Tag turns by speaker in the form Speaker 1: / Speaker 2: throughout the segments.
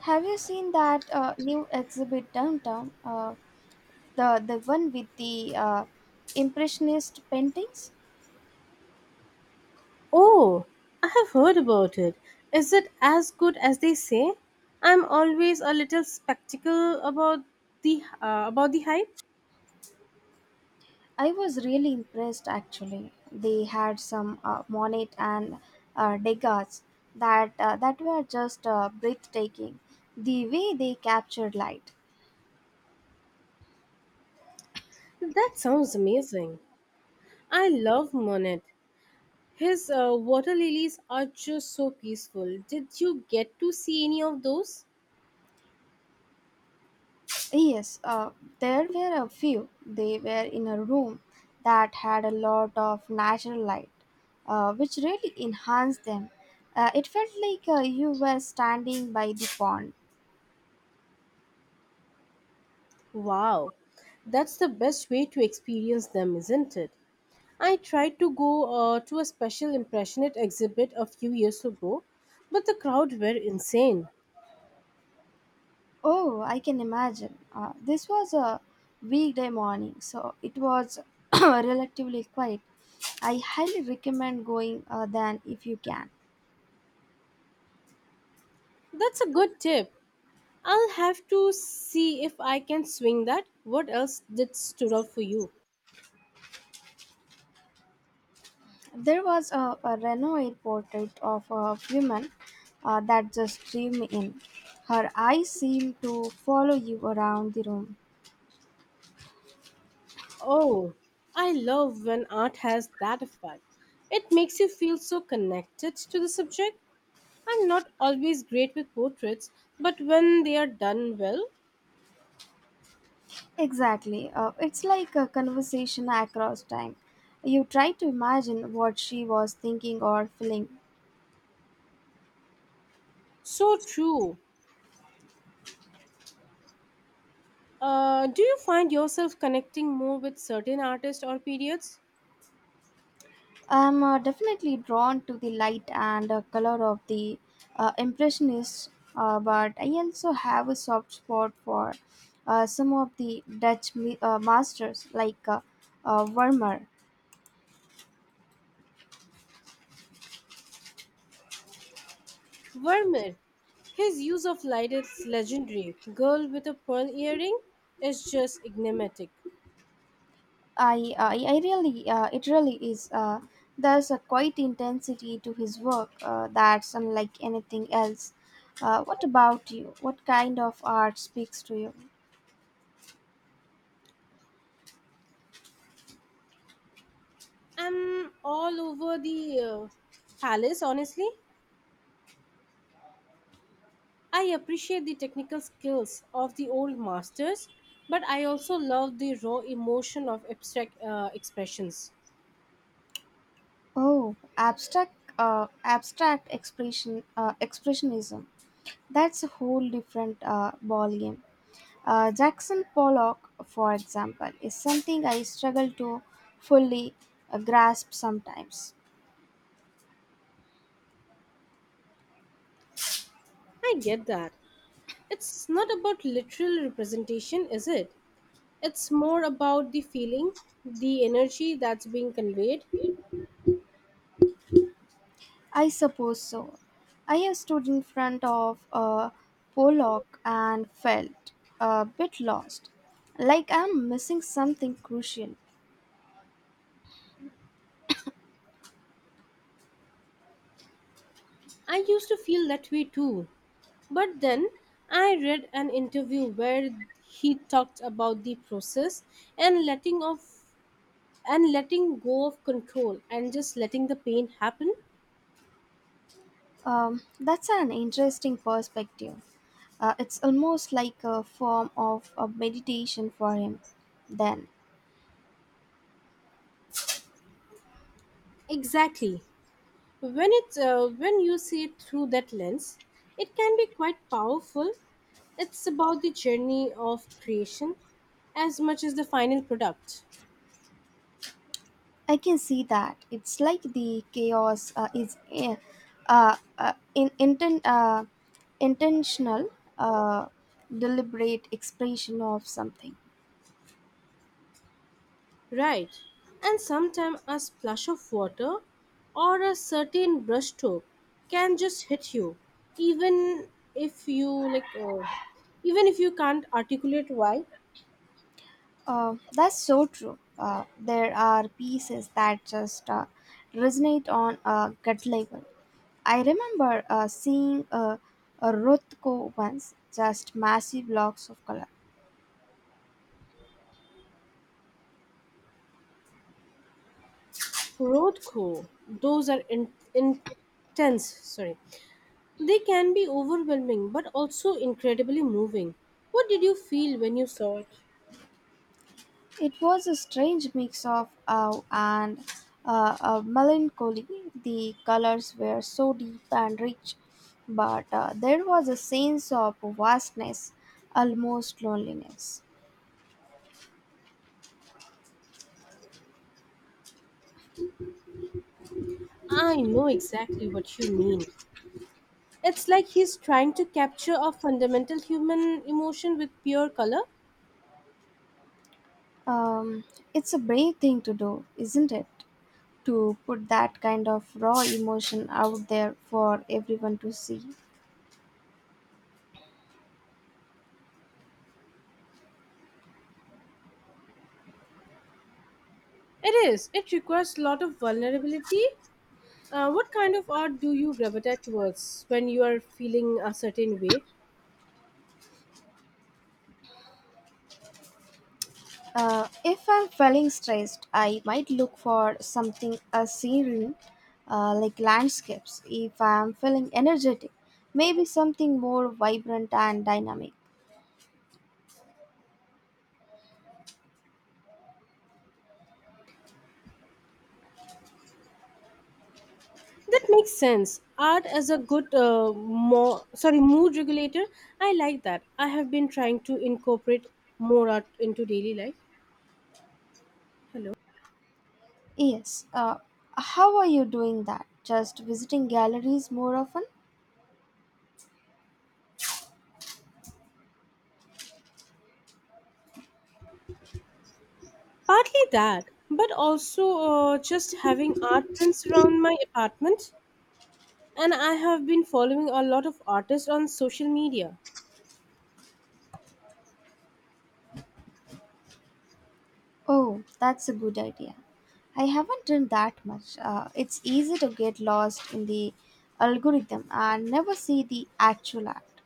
Speaker 1: Have you seen that new exhibit downtown? The one with the impressionist paintings.
Speaker 2: Oh, I have heard about it. Is it as good as they say? I'm always a little skeptical about the hype.
Speaker 1: I was really impressed actually. They had some Monet and Degas that were just breathtaking. The way they captured light.
Speaker 2: That sounds amazing. I love Monet. His water lilies are just so peaceful. Did you get to see any of those?
Speaker 1: Yes, there were a few. They were in a room that had a lot of natural light, which really enhanced them. It felt like you were standing by the pond.
Speaker 2: Wow, that's the best way to experience them, isn't it? I tried to go to a special impressionist exhibit a few years ago, but the crowd were insane.
Speaker 1: Oh, I can imagine. This was a weekday morning, so it was relatively quiet. I highly recommend going then if you can.
Speaker 2: That's a good tip. I'll have to see if I can swing that. What else did stood out for you?
Speaker 1: There was a Renoir portrait of a woman that just drew me in. Her eyes seemed to follow you around the room.
Speaker 2: Oh, I love when art has that effect. It makes you feel so connected to the subject. I'm not always great with portraits, but when they are done well,
Speaker 1: Exactly. It's like a conversation across time. You try to imagine what she was thinking or feeling.
Speaker 2: so true. Do you find yourself connecting more with certain artists or periods?
Speaker 1: I'm definitely drawn to the light and color of the Impressionists, but I also have a soft spot for some of the Dutch masters like Vermeer.
Speaker 2: Vermeer, his use of light is legendary. Girl with a pearl earring is just enigmatic.
Speaker 1: It really is. There's a quite intensity to his work that's unlike anything else. What about you? What kind of art speaks to you?
Speaker 2: I'm all over the palace, honestly. I appreciate the technical skills of the old masters, but I also love the raw emotion of abstract expressions.
Speaker 1: Expressionism. That's a whole different ball game. Jackson Pollock, for example, is something I struggle to fully grasp sometimes.
Speaker 2: I get that. It's not about literal representation, is it? It's more about the feeling, the energy that's being conveyed.
Speaker 1: I suppose so. I have stood in front of a Pollock and felt a bit lost, like I'm missing something crucial.
Speaker 2: I used to feel that way too. But then I read an interview where he talked about the process and letting of and letting go of control and just letting the pain happen.
Speaker 1: That's an interesting perspective. It's almost like a form of a meditation for him, then.
Speaker 2: Exactly. When you see it through that lens, it can be quite powerful. It's about the journey of creation as much as the final product.
Speaker 1: I can see that. It's like the chaos is uh, uh, in, inten- uh, intentional, uh, deliberate expression of something.
Speaker 2: Right, and sometimes a splash of water or a certain brushstroke can just hit you, even if you like, even if you can't articulate why.
Speaker 1: That's so true. There are pieces that just resonate on a gut level. I remember seeing a Rothko once, just massive blocks of color.
Speaker 2: Road those are intense. Sorry, they can be overwhelming, but also incredibly moving. What did you feel when you saw it?
Speaker 1: It was a strange mix of awe and melancholy. The colors were so deep and rich, but there was a sense of vastness, almost loneliness.
Speaker 2: I know exactly what you mean. It's like he's trying to capture a fundamental human emotion with pure color.
Speaker 1: Um, it's a brave thing to do, isn't it? To put that kind of raw emotion out there for everyone to see.
Speaker 2: It is. It requires a lot of vulnerability. What kind of art do you gravitate towards when you are feeling a certain way?
Speaker 1: If I'm feeling stressed, I might look for something a scenery, like landscapes. If I'm feeling energetic, maybe something more vibrant and dynamic.
Speaker 2: That makes sense. Art as a mood regulator. I like that. I have been trying to incorporate more art into daily life. Hello.
Speaker 1: Yes. How are you doing that? Just visiting galleries more often?
Speaker 2: Partly that, but also just having art prints around my apartment. And I have been following a lot of artists on social media.
Speaker 1: Oh, that's a good idea. I haven't done that much. It's easy to get lost in the algorithm and never see the actual art.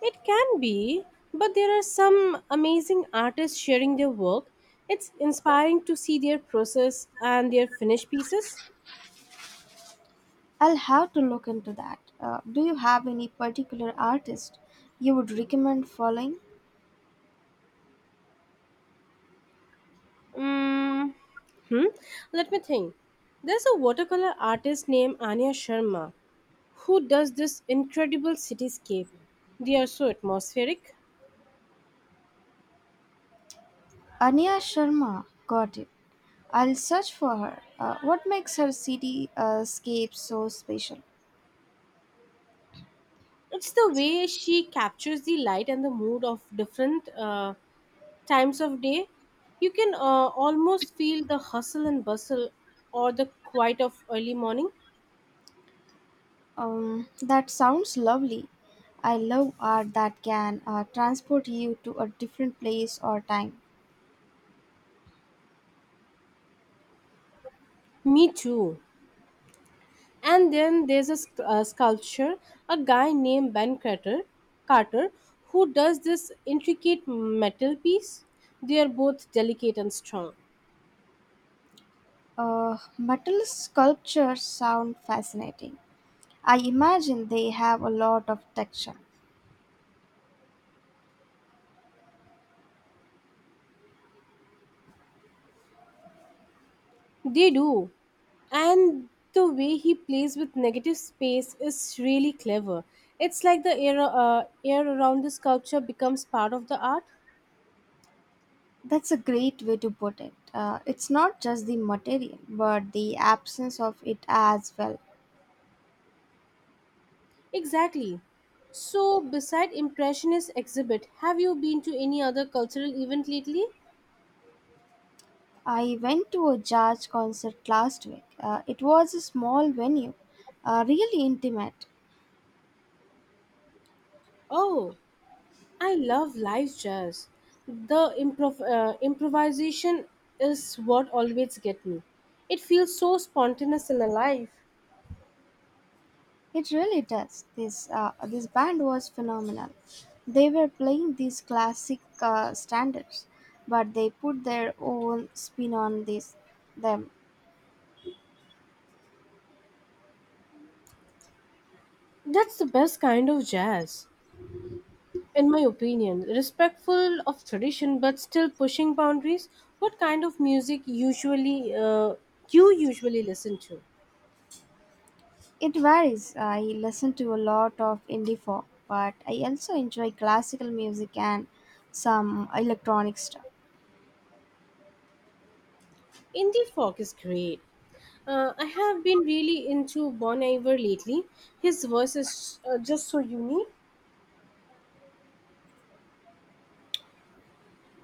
Speaker 2: It can be, but there are some amazing artists sharing their work. It's inspiring to see their process and their finished pieces.
Speaker 1: I'll have to look into that. Do you have any particular artist you would recommend following?
Speaker 2: Mm, hmm. Let me think. There's a watercolor artist named Anya Sharma who does this incredible cityscape. They are so atmospheric.
Speaker 1: Anya Sharma, got it. I'll search for her. What makes her city scape so special?
Speaker 2: It's the way she captures the light and the mood of different times of day. You can almost feel the hustle and bustle or the quiet of early morning.
Speaker 1: That sounds lovely. I love art that can transport you to a different place or time.
Speaker 2: Me too. And then there's a sculpture a guy named Ben Carter who does this intricate metal piece. They are both delicate and strong.
Speaker 1: Metal sculptures sound fascinating. I imagine they have a lot of texture.
Speaker 2: They do. And the way he plays with negative space is really clever. It's like air around the sculpture becomes part of the art.
Speaker 1: That's a great way to put it. It's not just the material, but the absence of it as well.
Speaker 2: Exactly. So, beside Impressionist exhibit, have you been to any other cultural event lately?
Speaker 1: I went to a jazz concert last week. It was a small venue, really intimate.
Speaker 2: Oh, I love live jazz. The improvisation is what always get me. It feels so spontaneous and alive.
Speaker 1: It really does. This band was phenomenal. They were playing these classic standards, but they put their own spin on this them.
Speaker 2: That's the best kind of jazz, in my opinion. Respectful of tradition, but still pushing boundaries. What kind of music usually you usually listen to?
Speaker 1: It varies. I listen to a lot of indie folk, but I also enjoy classical music and some electronic stuff.
Speaker 2: Indie folk is great. I have been really into Bon Iver lately. His voice is just so unique.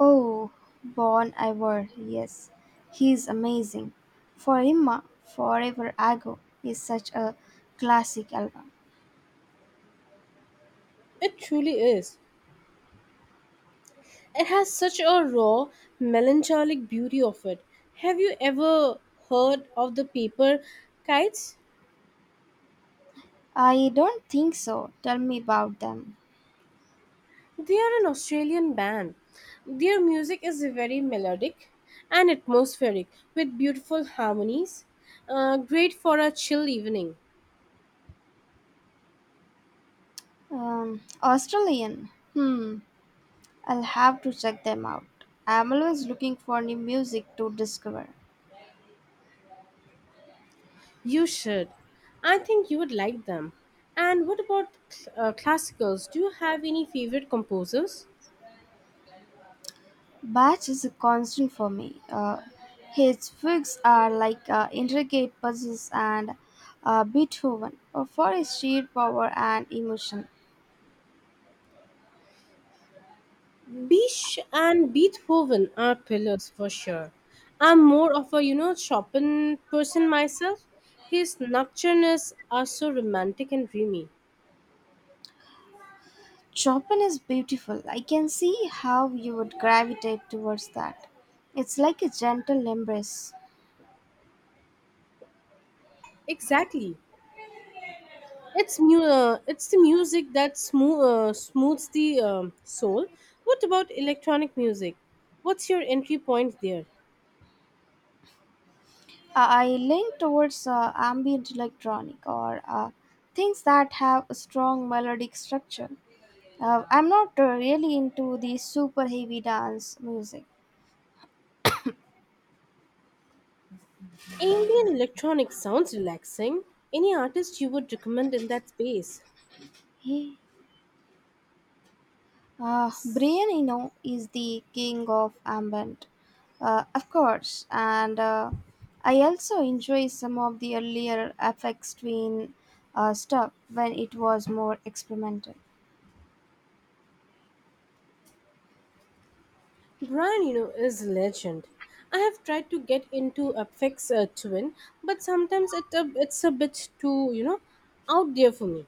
Speaker 1: Oh, Bon Iver, yes, he's amazing. For Emma, Forever Ago is such a classic album.
Speaker 2: It truly is. It has such a raw, melancholic beauty of it. Have you ever heard of the Paper Kites?
Speaker 1: I don't think so. Tell me about them.
Speaker 2: They are an Australian band. Their music is very melodic and atmospheric with beautiful harmonies. Great for a chill evening.
Speaker 1: Australian. Hmm, I'll have to check them out. I'm always looking for new music to discover.
Speaker 2: You should. I think you would like them. And what about classicals? Do you have any favorite composers?
Speaker 1: Batch is a constant for me. His figs are like intricate puzzles and Beethoven for his sheer power and emotion.
Speaker 2: Bish and Beethoven are pillars for sure. I'm more of a, you know, Chopin person myself. His nocturnes are so romantic and dreamy.
Speaker 1: Chopin is beautiful. I can see how you would gravitate towards that. It's like a gentle embrace.
Speaker 2: Exactly. It's the music that smooths the soul. What about electronic music? What's your entry point there?
Speaker 1: I lean towards ambient electronic or things that have a strong melodic structure. I'm not really into the super heavy dance music.
Speaker 2: Ambient electronic sounds relaxing. Any artist you would recommend in that space?
Speaker 1: Yeah. Brian Eno is the king of ambient, of course, and I also enjoy some of the earlier FX Twin stuff when it was more experimental.
Speaker 2: Brian, you know, is a legend. I have tried to get into a fix twin, but sometimes it's a bit too, out there for me.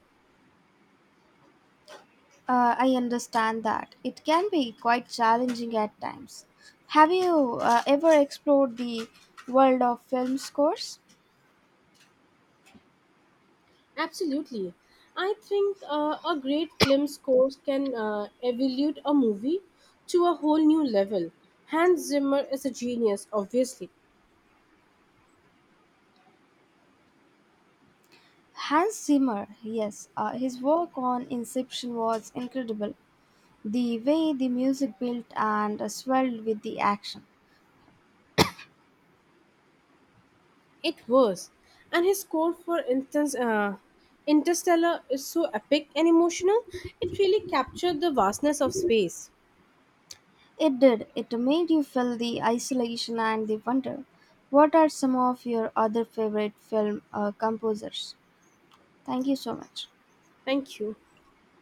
Speaker 1: I understand that it can be quite challenging at times. Have you ever explored the world of film scores?
Speaker 2: Absolutely, I think a great film score can evolve a movie to a whole new level. Hans Zimmer is a genius, obviously.
Speaker 1: Hans Zimmer, yes, his work on Inception was incredible. The way the music built and swelled with the action.
Speaker 2: It was. And his score for instance, Interstellar is so epic and emotional, it really captured the vastness of space.
Speaker 1: It did. It made you feel the isolation and the wonder. What are some of your other favorite film composers? Thank you so much.
Speaker 2: Thank you.